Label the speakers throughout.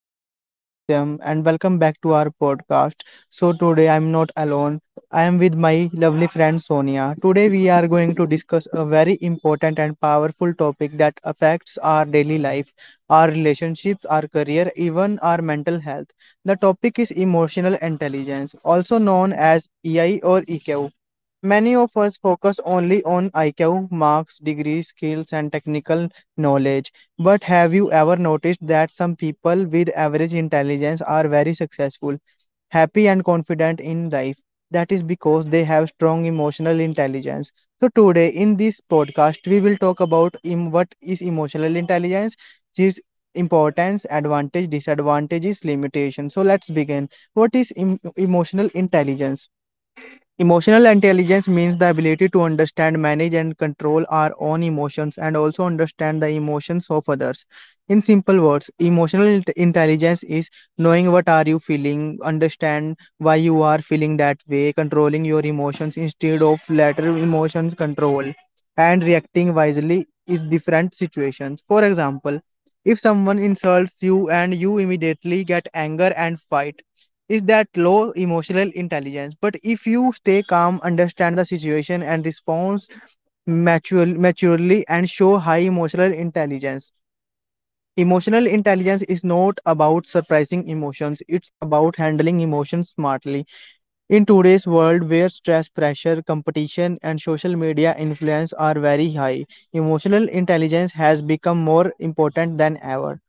Speaker 1: My name is Satyam and welcome back to our podcast. So today I'm not alone. I am with my lovely friend Sonia. Today we are going to discuss a very important and powerful topic that affects our daily life, our relationships, our career, even our mental health. The topic is emotional intelligence, also known as EI or EQ. Many of us focus only on IQ, marks, degrees, skills, and technical knowledge. But have you ever noticed that some people with average intelligence are very successful, happy, and confident in life? That is because they have strong emotional intelligence. So, today in this podcast, we will talk about what is emotional intelligence, its importance, advantage, disadvantages, limitations. So, let's begin. What is emotional intelligence? Emotional intelligence means the ability to understand, manage, and control our own emotions and also understand the emotions of others. In simple words, emotional intelligence is knowing what are you feeling, understand why you are feeling that way, controlling your emotions instead of later emotions control, and reacting wisely in different situations. For example, if someone insults you and you immediately get anger and fight, is that low emotional intelligence. But if you stay calm, understand the situation, and respond maturely, and show high emotional intelligence. Emotional intelligence is not about surprising emotions, it's about handling emotions smartly. In today's world where stress, pressure, competition, and social media influence are very high, emotional intelligence has become more important than ever.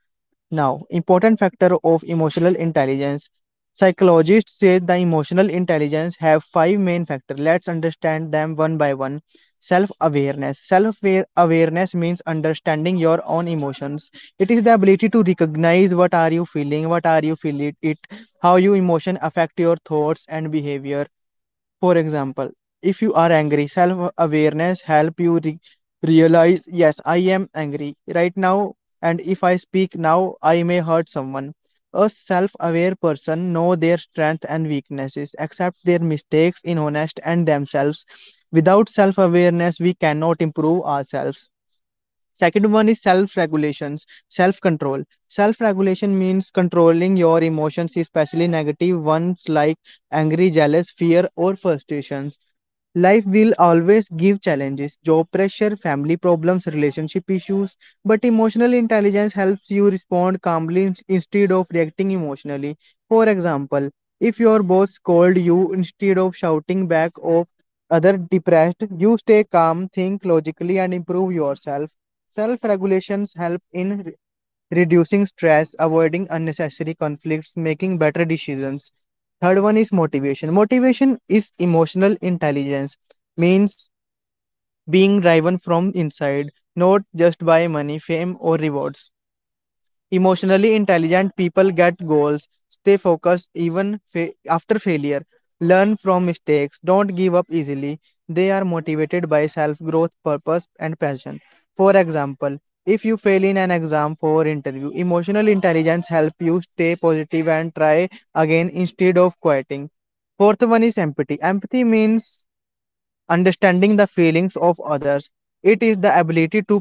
Speaker 1: Now, important factor of emotional intelligence. Psychologists say the emotional intelligence have five main factors. Let's understand them one by one. Self-awareness. Self-awareness means understanding your own emotions. It is the ability to recognize what are you feeling, what are you feeling it, how your emotion affect your thoughts and behavior. For example, if you are angry, self awareness help you realize, yes, I am angry right now, and if I speak now, I may hurt someone. A self-aware person know their strength and weaknesses, accept their mistakes in honest and themselves. Without self-awareness, we cannot improve ourselves. Second one is self regulations, self control. Self regulation means controlling your emotions, especially negative ones like angry, jealous, fear, or frustration. Life will always give challenges, job pressure, family problems, relationship issues, but emotional intelligence helps you respond calmly instead of reacting emotionally. For example, if your boss scold you instead of shouting back of other depressed, you stay calm, think logically and improve yourself. Self regulations help in reducing stress, avoiding unnecessary conflicts, making better decisions. Third one is motivation. Motivation is emotional intelligence, means being driven from inside, not just by money, fame, or rewards. Emotionally intelligent people get goals, stay focused even after failure, learn from mistakes, don't give up easily. They are motivated by self growth, purpose, and passion. For example, if you fail in an exam for interview, emotional intelligence help you stay positive and try again instead of quitting. Fourth one is empathy. Empathy means understanding the feelings of others. It is the ability to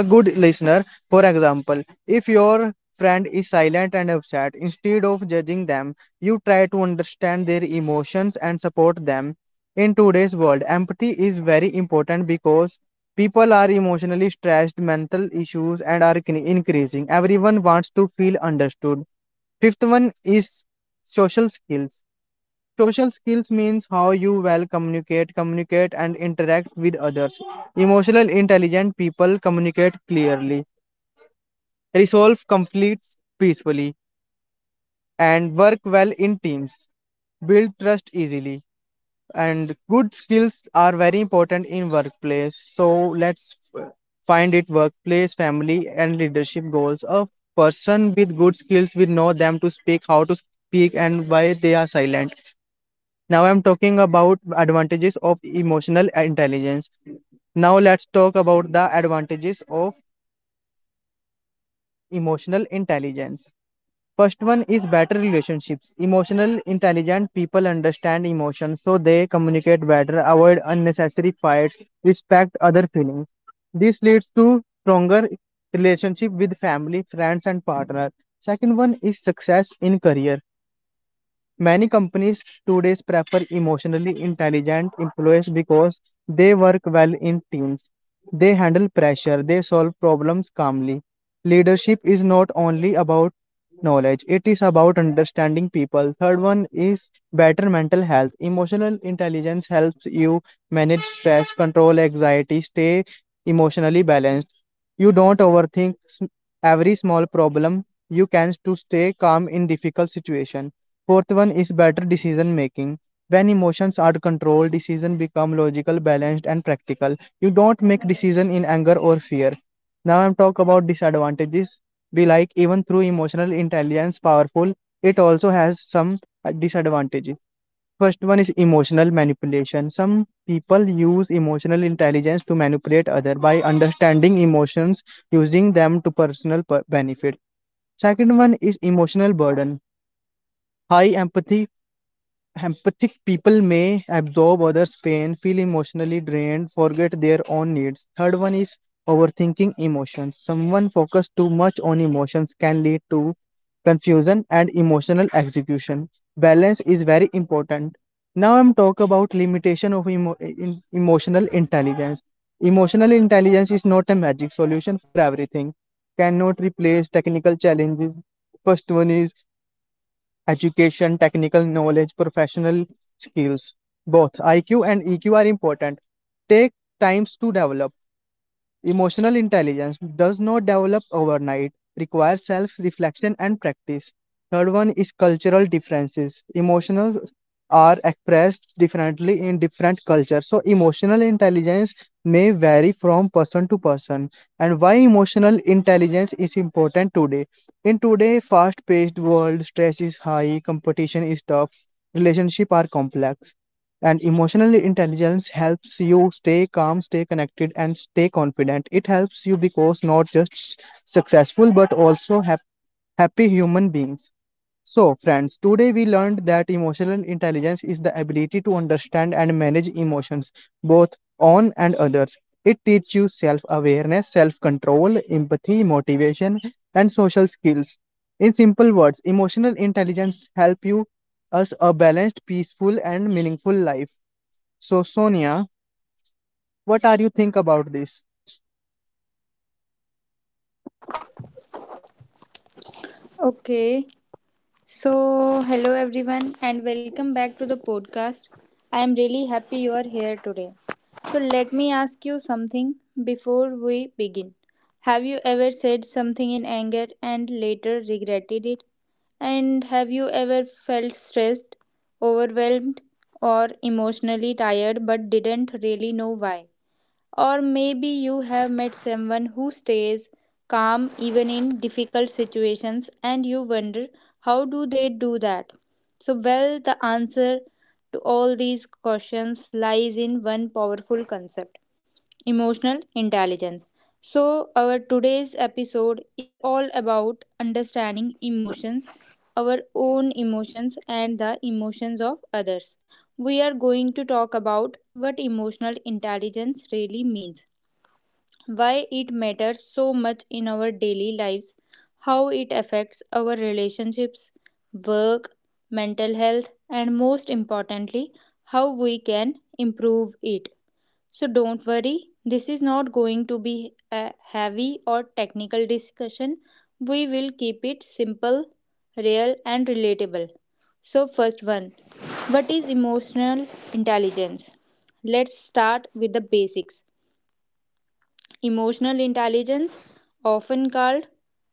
Speaker 1: a good listener. For example, if your friend is silent and upset, instead of judging them, you try to understand their emotions and support them. In today's world, empathy is very important because people are emotionally stressed, mental issues, and are increasing. Everyone wants to feel understood. Fifth one is social skills. Social skills means how you well communicate, communicate and interact with others. Emotional intelligent people communicate clearly, resolve conflicts peacefully, and work well in teams. Build trust easily and good skills are very important in workplace. So let's find it workplace family and leadership goals. A person with good skills will know them to speak, how to speak and why they are silent. Now I'm talking about advantages of emotional intelligence. Now let's talk about the advantages of emotional intelligence. First one is better relationships. Emotional intelligent people understand emotions so they communicate better, avoid unnecessary fights, respect other feelings. This leads to stronger relationship with family, friends and partner. Second one is success in career. Many companies today prefer emotionally intelligent employees because they work well in teams. They handle pressure, they solve problems calmly. Leadership is not only about knowledge, it is about understanding people. Third one is better mental health. Emotional intelligence helps you manage stress, control anxiety, stay emotionally balanced. You don't overthink every small problem. You can to stay calm in difficult situation. Fourth one is better decision making. When emotions are controlled, decision become logical, balanced, and practical. You don't make decision in anger or fear. Now I'm talk about disadvantages. Be like even through emotional intelligence powerful, it also has some disadvantages. First one is emotional manipulation. Some people use emotional intelligence to manipulate other by understanding emotions, using them to personal benefit. Second one is emotional burden. High empathy. Empathic people may absorb others' pain, feel emotionally drained, forget their own needs. Third one is overthinking emotions. Someone focused too much on emotions can lead to confusion and emotional execution. Balance is very important. Now I'm talk about limitation of emotional intelligence. Emotional intelligence is not a magic solution for everything. Cannot replace technical challenges. First one is education, technical knowledge, professional skills. Both IQ and EQ are important. Take times to develop. Emotional intelligence does not develop overnight, requires self reflection and practice. Third one is cultural differences. Emotions are expressed differently in different cultures. So, emotional intelligence may vary from person to person. And why emotional intelligence is important today? In today's fast paced world, stress is high, competition is tough, relationships are complex. And emotional intelligence helps you stay calm, stay connected, and stay confident. It helps you because not just successful but also happy human beings. So, friends, today we learned that emotional intelligence is the ability to understand and manage emotions, both on and others. It teaches you self awareness, self control, empathy, motivation, and social skills. In simple words, emotional intelligence help you us a balanced, peaceful, and meaningful life. So, Sonia, what are you think about this?
Speaker 2: Okay, so hello everyone and welcome back to the podcast. I am really happy you are here today. So, let me ask you something before we begin. Have you ever said something in anger and later regretted it? And have you ever felt stressed, overwhelmed, or emotionally tired but didn't really know why? Or maybe you have met someone who stays calm even in difficult situations and you wonder, how do they do that? So, well, the answer to all these questions lies in one powerful concept: emotional intelligence. So, our today's episode is all about understanding emotions, our own emotions, and the emotions of others. We are going to talk about what emotional intelligence really means, why it matters so much in our daily lives, how it affects our relationships, work, mental health, and most importantly, how we can improve it. So don't worry, this is not going to be a heavy or technical discussion. We will keep it simple, real, and relatable. So, first one, what is emotional intelligence? Let's start with the basics. Emotional intelligence, often called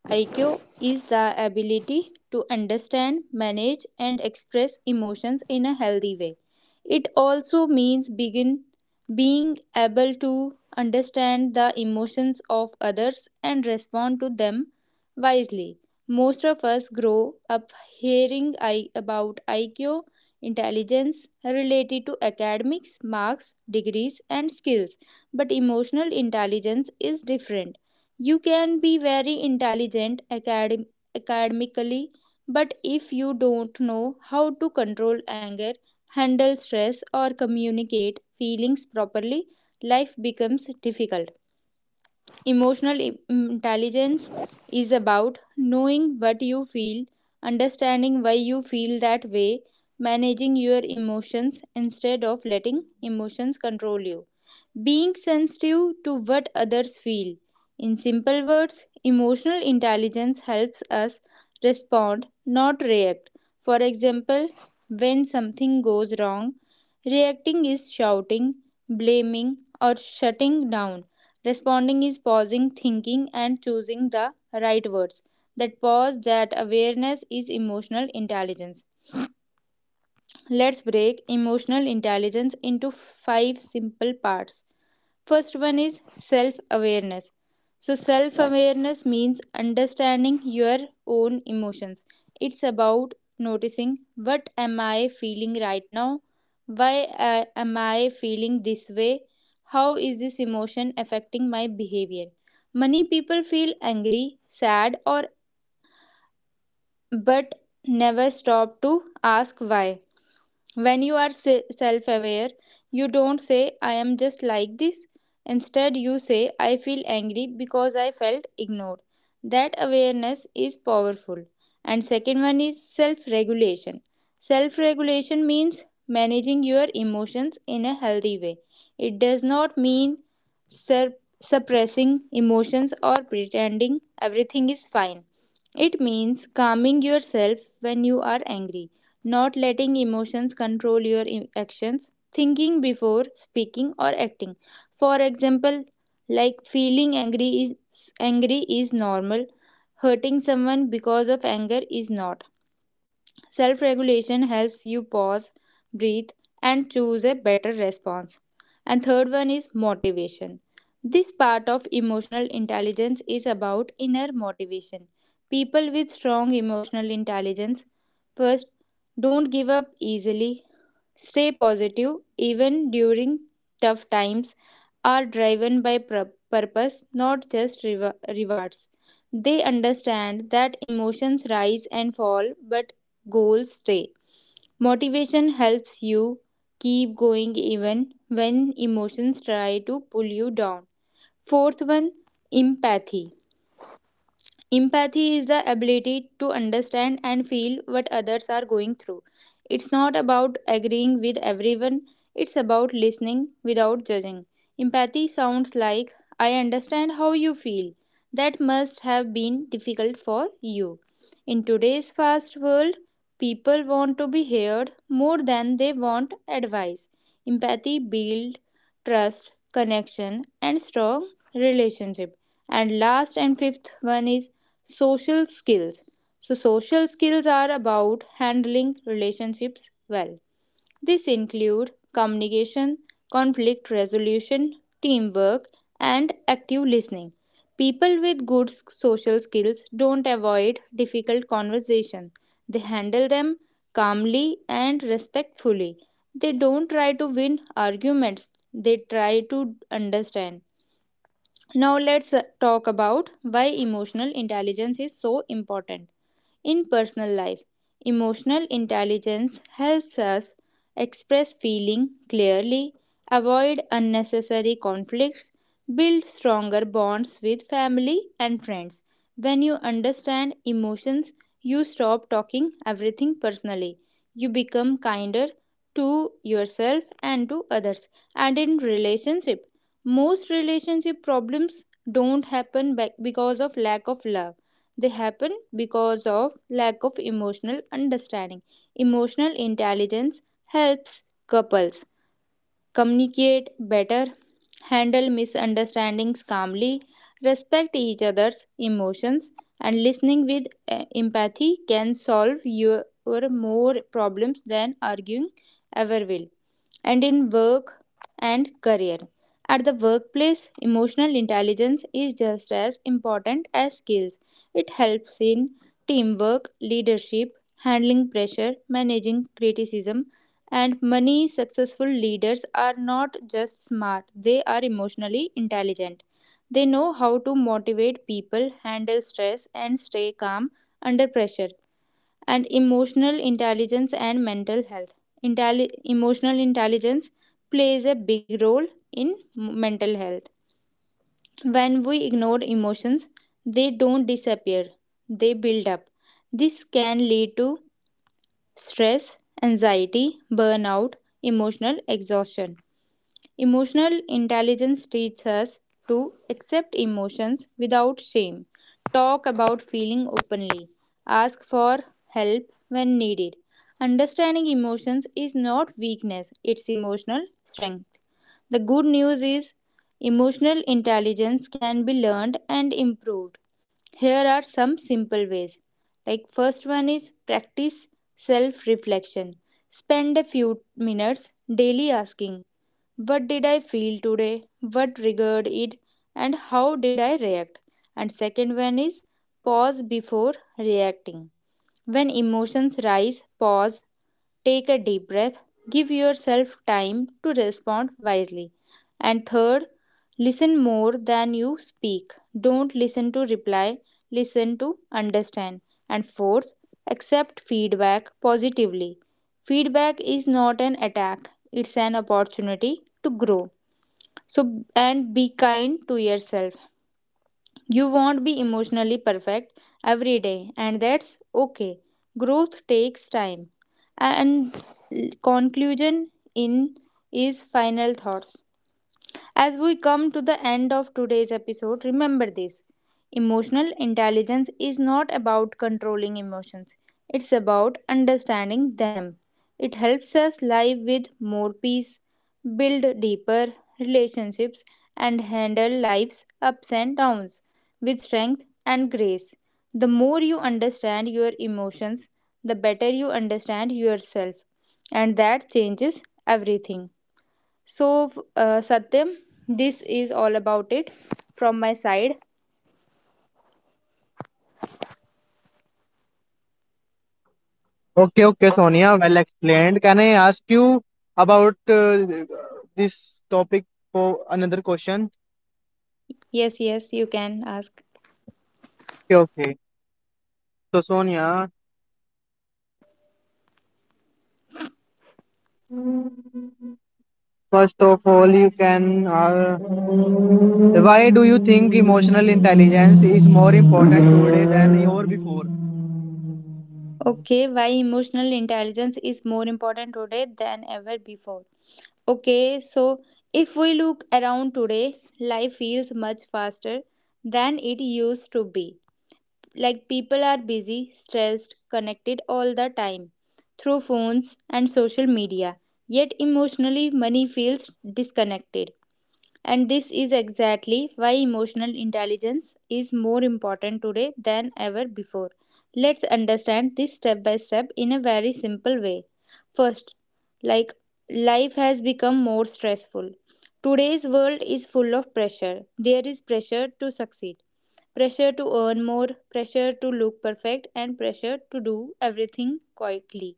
Speaker 2: IQ, is the ability to understand, manage, and express emotions in a healthy way. It also means begin being able to understand the emotions of others and respond to them wisely. Most of us grow up hearing about IQ intelligence related to academics, marks, degrees, and skills, but emotional intelligence is different. You can be very intelligent academically, but if you don't know how to control anger, handle stress, or communicate feelings properly, life becomes difficult. Emotional intelligence is about knowing what you feel, understanding why you feel that way, managing your emotions instead of letting emotions control you, being sensitive to what others feel. In simple words, emotional intelligence helps us respond, not react. For example, when something goes wrong, reacting is shouting, blaming, or shutting down. Responding is pausing, thinking, and choosing the right words. That pause, that awareness is emotional intelligence. Let's break emotional intelligence into five simple parts. First one is self awareness. So, self awareness means understanding your own emotions. It's about noticing, what am I feeling right now? Why am I feeling this way? How is this emotion affecting my behavior? Many people feel angry, sad, or but never stop to ask why. When you are self aware, you don't say, I am just like this. Instead, you say, I feel angry because I felt ignored. That awareness is powerful. And second one is self regulation. Self regulation means managing your emotions in a healthy way. It does not mean sur- suppressing emotions or pretending everything is fine. It means calming yourself when you are angry, not letting emotions control your actions, thinking before speaking or acting. For example, like feeling angry is normal, hurting someone because of anger is not. Self regulation helps you pause, breathe, and choose a better response. And third one is motivation. This part of emotional intelligence is about inner motivation. People with strong emotional intelligence first don't give up easily, stay positive even during tough times, are driven by purpose, not just rewards. They understand that emotions rise and fall, but goals stay. Motivation helps you keep going even when emotions try to pull you down. Fourth one, empathy. Empathy is the ability to understand and feel what others are going through. It's not about agreeing with everyone, it's about listening without judging. Empathy sounds like, I understand how you feel. That must have been difficult for you. In today's fast world, people want to be heard more than they want advice. Empathy builds trust, connection, and strong relationship. And last and fifth one is social skills. So, social skills are about handling relationships well. This include communication, conflict resolution, teamwork, and active listening. People with good social skills don't avoid difficult conversations. They handle them calmly and respectfully. They don't try to win arguments. They try to understand. Now let's talk about why emotional intelligence is so important. In personal life, emotional intelligence helps us express feeling clearly, avoid unnecessary conflicts, build stronger bonds with family and friends. When you understand emotions, you stop talking everything personally. You become kinder to yourself and to others. And in relationship, most relationship problems don't happen because of lack of love. They happen because of lack of emotional understanding. Emotional intelligence helps couples communicate better, handle misunderstandings calmly, respect each other's emotions, and listening with empathy can solve your more problems than arguing ever will. And in work and career. At the workplace, emotional intelligence is just as important as skills. It helps in teamwork, leadership, handling pressure, managing criticism, and many successful leaders are not just smart, they are emotionally intelligent. They know how to motivate people, handle stress, and stay calm under pressure. And emotional intelligence and mental health. Emotional intelligence plays a big role in mental health. When we ignore emotions, they don't disappear, they build up. This can lead to stress, anxiety, burnout, emotional exhaustion. Emotional intelligence teaches us to accept emotions without shame, talk about feeling openly, ask for help when needed. Understanding emotions is not weakness, it's emotional strength. The good news is emotional intelligence can be learned and improved. Here are some simple ways. Like first one is practice self-reflection. Spend a few minutes daily asking, what did I feel today? What triggered it? And how did I react? And second one is pause before reacting. When emotions rise, pause, take a deep breath, give yourself time to respond wisely. And third, listen more than you speak. Don't listen to reply, listen to understand. And fourth, accept feedback positively. Feedback is not an attack, it's an opportunity to grow. So, and be kind to yourself. You won't be emotionally perfect every day, and that's okay. Growth takes time. And conclusion, in is final thoughts. As we come to the end of today's episode, remember this: emotional intelligence is not about controlling emotions, it's about understanding them. It helps us live with more peace, build deeper relationships, and handle life's ups and downs with strength and grace. The more you understand your emotions, the better you understand yourself, and that changes everything. So, Satyam, this is all about it from my side.
Speaker 1: Okay, okay, Sonia, well explained. Can I ask you about this topic for another question?
Speaker 2: Yes, yes, you can ask.
Speaker 1: Okay, okay. So, Sonia, first of all, you can. Why do you think emotional intelligence is more important today than ever before?
Speaker 2: Okay, why emotional intelligence is more important today than ever before? Okay, so if we look around today, life feels much faster than it used to be. Like people are busy, stressed, connected all the time through phones and social media. Yet emotionally, money feels disconnected. And this is exactly why emotional intelligence is more important today than ever before. Let's understand this step by step in a very simple way. First, like life has become more stressful. Today's world is full of pressure. There is pressure to succeed, pressure to earn more, pressure to look perfect, and pressure to do everything quickly.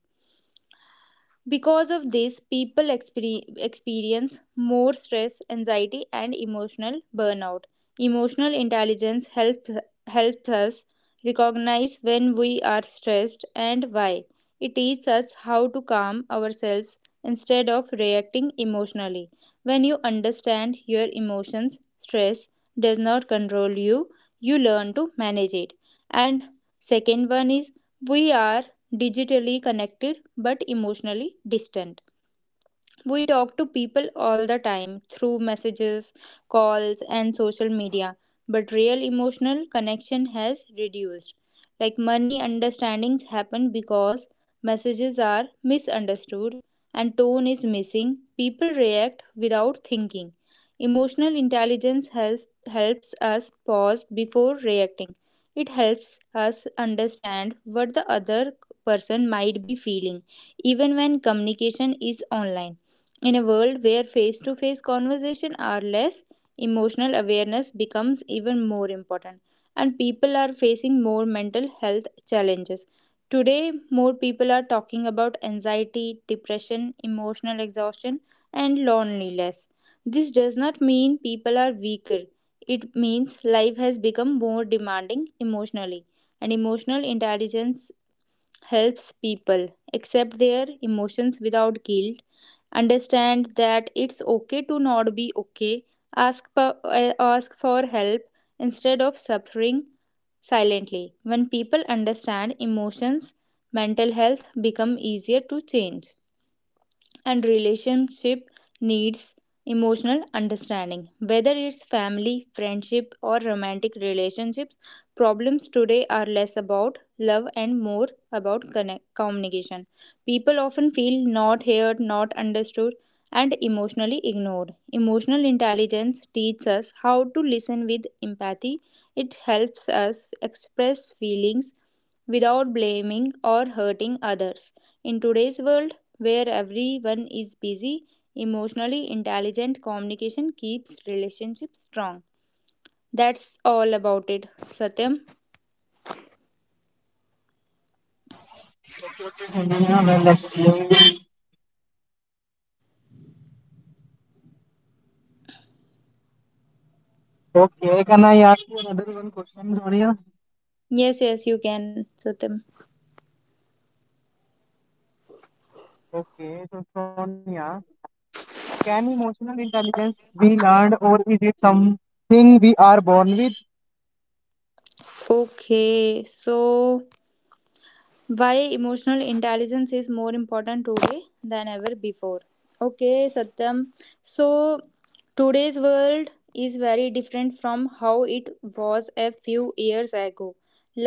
Speaker 2: Because of this, people experience more stress, anxiety, and emotional burnout. Emotional intelligence helps us recognize when we are stressed and why. It teaches us how to calm ourselves instead of reacting emotionally. When you understand your emotions, stress does not control you, you learn to manage it. And second one is, we are digitally connected but emotionally distant. We talk to people all the time through messages, calls, and social media, but real emotional connection has reduced. Like money understandings happen because messages are misunderstood and tone is missing. People react without thinking. Emotional intelligence helps us pause before reacting. It helps us understand what the other person might be feeling, even when communication is online. In a world where face to face conversation are less, emotional awareness becomes even more important, and people are facing more mental health challenges. Today, more people are talking about anxiety, depression, emotional exhaustion, and loneliness. This does not mean people are weaker, it means life has become more demanding emotionally, and emotional intelligence helps people accept their emotions without guilt, understand that it's okay to not be okay, ask for help instead of suffering silently. When people understand emotions, mental health become easier to change. And relationship needs emotional understanding. Whether it's family, friendship, or romantic relationships, problems today are less about love and more about communication. People often feel not heard, not understood, and emotionally ignored. Emotional intelligence teaches us how to listen with empathy, it helps us express feelings without blaming or hurting others. In today's world, where everyone is busy, emotionally intelligent communication keeps relationships strong. That's all about it, Satyam.
Speaker 1: Sonia, well explained. Okay, can I ask you another one question, Sonia?
Speaker 2: Yes, yes, you can, Satyam.
Speaker 1: Okay, so Sonia. Can emotional intelligence be learned or is it something we are born with?
Speaker 2: Okay, so why emotional intelligence is more important today than ever before? Okay, Satyam. So today's world is very different from how it was a few years ago.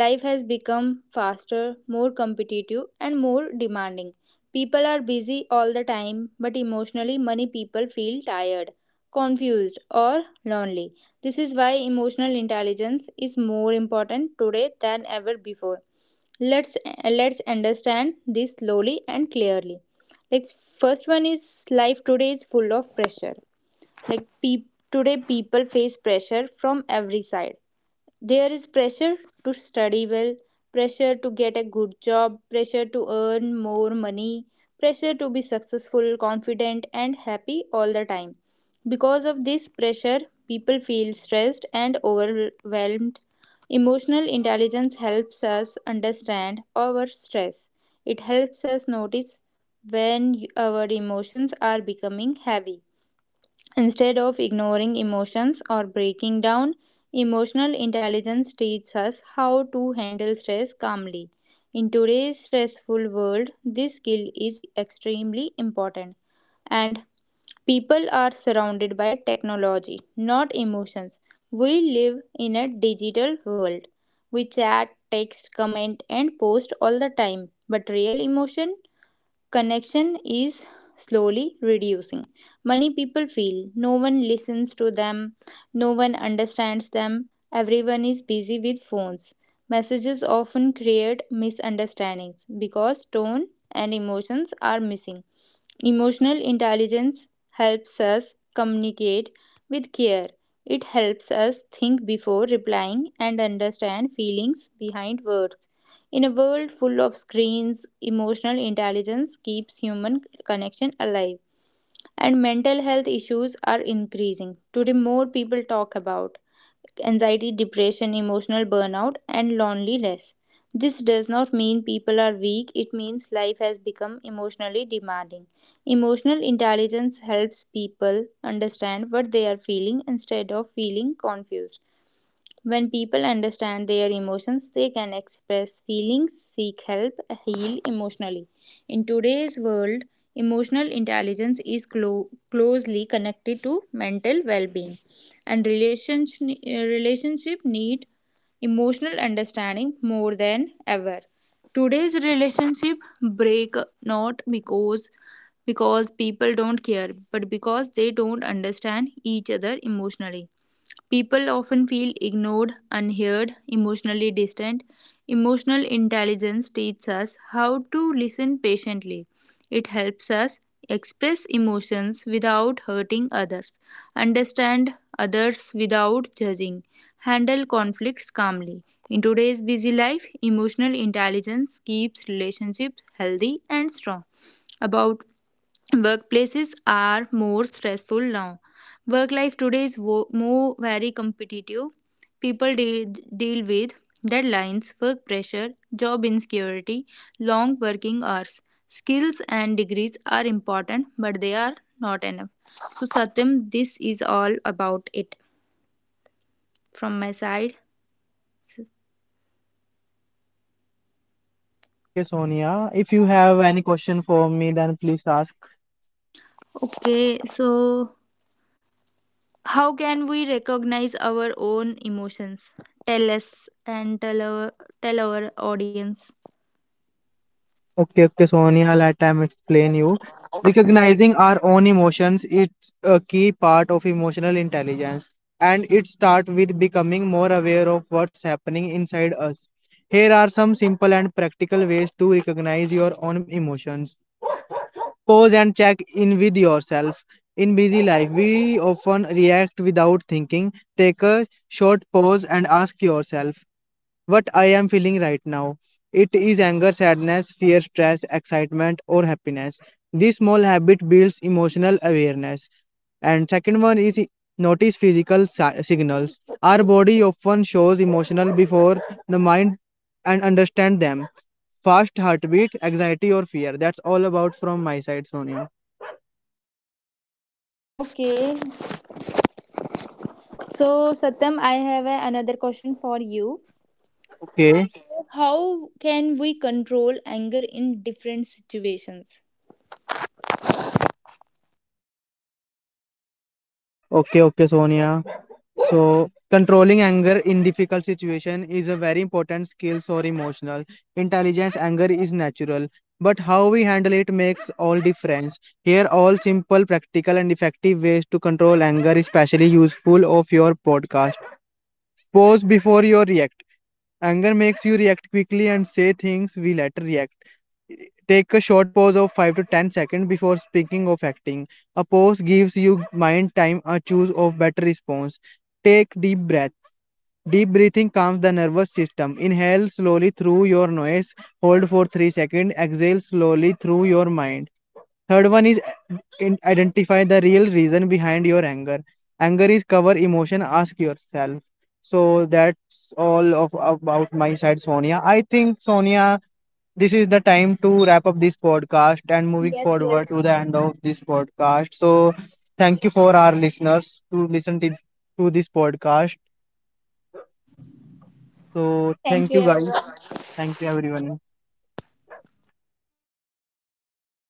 Speaker 2: Life has become faster, more competitive and more demanding. People are busy all the time, but emotionally many people feel tired, confused or lonely. This is why emotional intelligence is more important today than ever before. Let's let's understand this slowly and clearly. Like first one is, life today is full of pressure. Like today people face pressure from every side. There is pressure to study well, pressure to get a good job, pressure to earn more money, pressure to be successful, confident, and happy all the time. Because of this pressure, people feel stressed and overwhelmed. Emotional intelligence helps us understand our stress. It helps us notice when our emotions are becoming heavy. Instead of ignoring emotions or breaking down, emotional intelligence teaches us how to handle stress calmly. In today's stressful world, this skill is extremely important. And people are surrounded by technology, not emotions. We live in a digital world. We chat, text, comment, and post all the time. But real emotion connection is slowly reducing. Many people feel no one listens to them, no one understands them, everyone is busy with phones. Messages often create misunderstandings because tone and emotions are missing. Emotional intelligence helps us communicate with care. It helps us think before replying and understand feelings behind words. In a world full of screens, emotional intelligence keeps human connection alive, and mental health issues are increasing. Today, more people talk about anxiety, depression, emotional burnout, and loneliness. This does not mean people are weak, it means life has become emotionally demanding. Emotional intelligence helps people understand what they are feeling instead of feeling confused. When people understand their emotions, they can express feelings, seek help, heal emotionally. In today's world, emotional intelligence is closely connected to mental well being, and relationship need emotional understanding more than ever. Today's relationship break not because people don't care but because they don't understand each other emotionally. People often feel ignored, unheard, emotionally distant. Emotional intelligence teaches us how to listen patiently. It helps us express emotions without hurting others, understand others without judging, handle conflicts calmly. In today's busy life, emotional intelligence keeps relationships healthy and strong. About workplaces are more stressful now. Work life today is more very competitive. People deal, deal with deadlines, work pressure, job insecurity, long working hours. Skills and degrees are important, but they are not enough. So, Satyam, this is all about it from my side.
Speaker 1: Okay, Sonia, if you have any question for me, then please ask.
Speaker 2: Okay, so how can we recognize our own emotions? Tell us and tell our audience.
Speaker 1: Okay, okay, Sonia, let me explain you. Recognizing our own emotions is a key part of emotional intelligence, and it starts with becoming more aware of what's happening inside us. Here are some simple and practical ways to recognize your own emotions. Pause and check in with yourself. In busy life, we often react without thinking. Take a short pause and ask yourself what I am feeling right now. It is anger, sadness, fear, stress, excitement, or happiness. This small habit builds emotional awareness. And second one is notice physical signals. Our body often shows emotional before the mind and understand them. Fast heartbeat, anxiety, or fear. That's all about from my side, Sonia.
Speaker 2: Okay, so Satyam, I have another question for you.
Speaker 1: Okay,
Speaker 2: How can we control anger in different situations?
Speaker 1: okay, Sonia. So, controlling anger in difficult situation is a very important skill or emotional intelligence. Anger is natural, but how we handle it makes all difference. Here, all simple, practical, and effective ways to control anger, especially useful of your podcast. Pause before you react. Anger makes you react quickly and say things we later react. Take a short pause of 5 to 10 seconds before speaking or acting. A pause gives you mind time to choose a better response. Take deep breath. Deep breathing calms the nervous system. Inhale slowly through your nose, hold for 3 seconds, exhale slowly through your mind. Third one is identify the real reason behind your anger. Anger is cover emotion. Ask yourself. So that's all of about my side, Sonia. I think Sonia, this is the time to wrap up this podcast and moving
Speaker 2: Yes, yes.
Speaker 1: forward to the end of this podcast. So thank you for our listeners to to this podcast. So
Speaker 2: Thank
Speaker 1: thank
Speaker 2: you,
Speaker 1: you guys.
Speaker 2: everyone.
Speaker 1: Thank you everyone.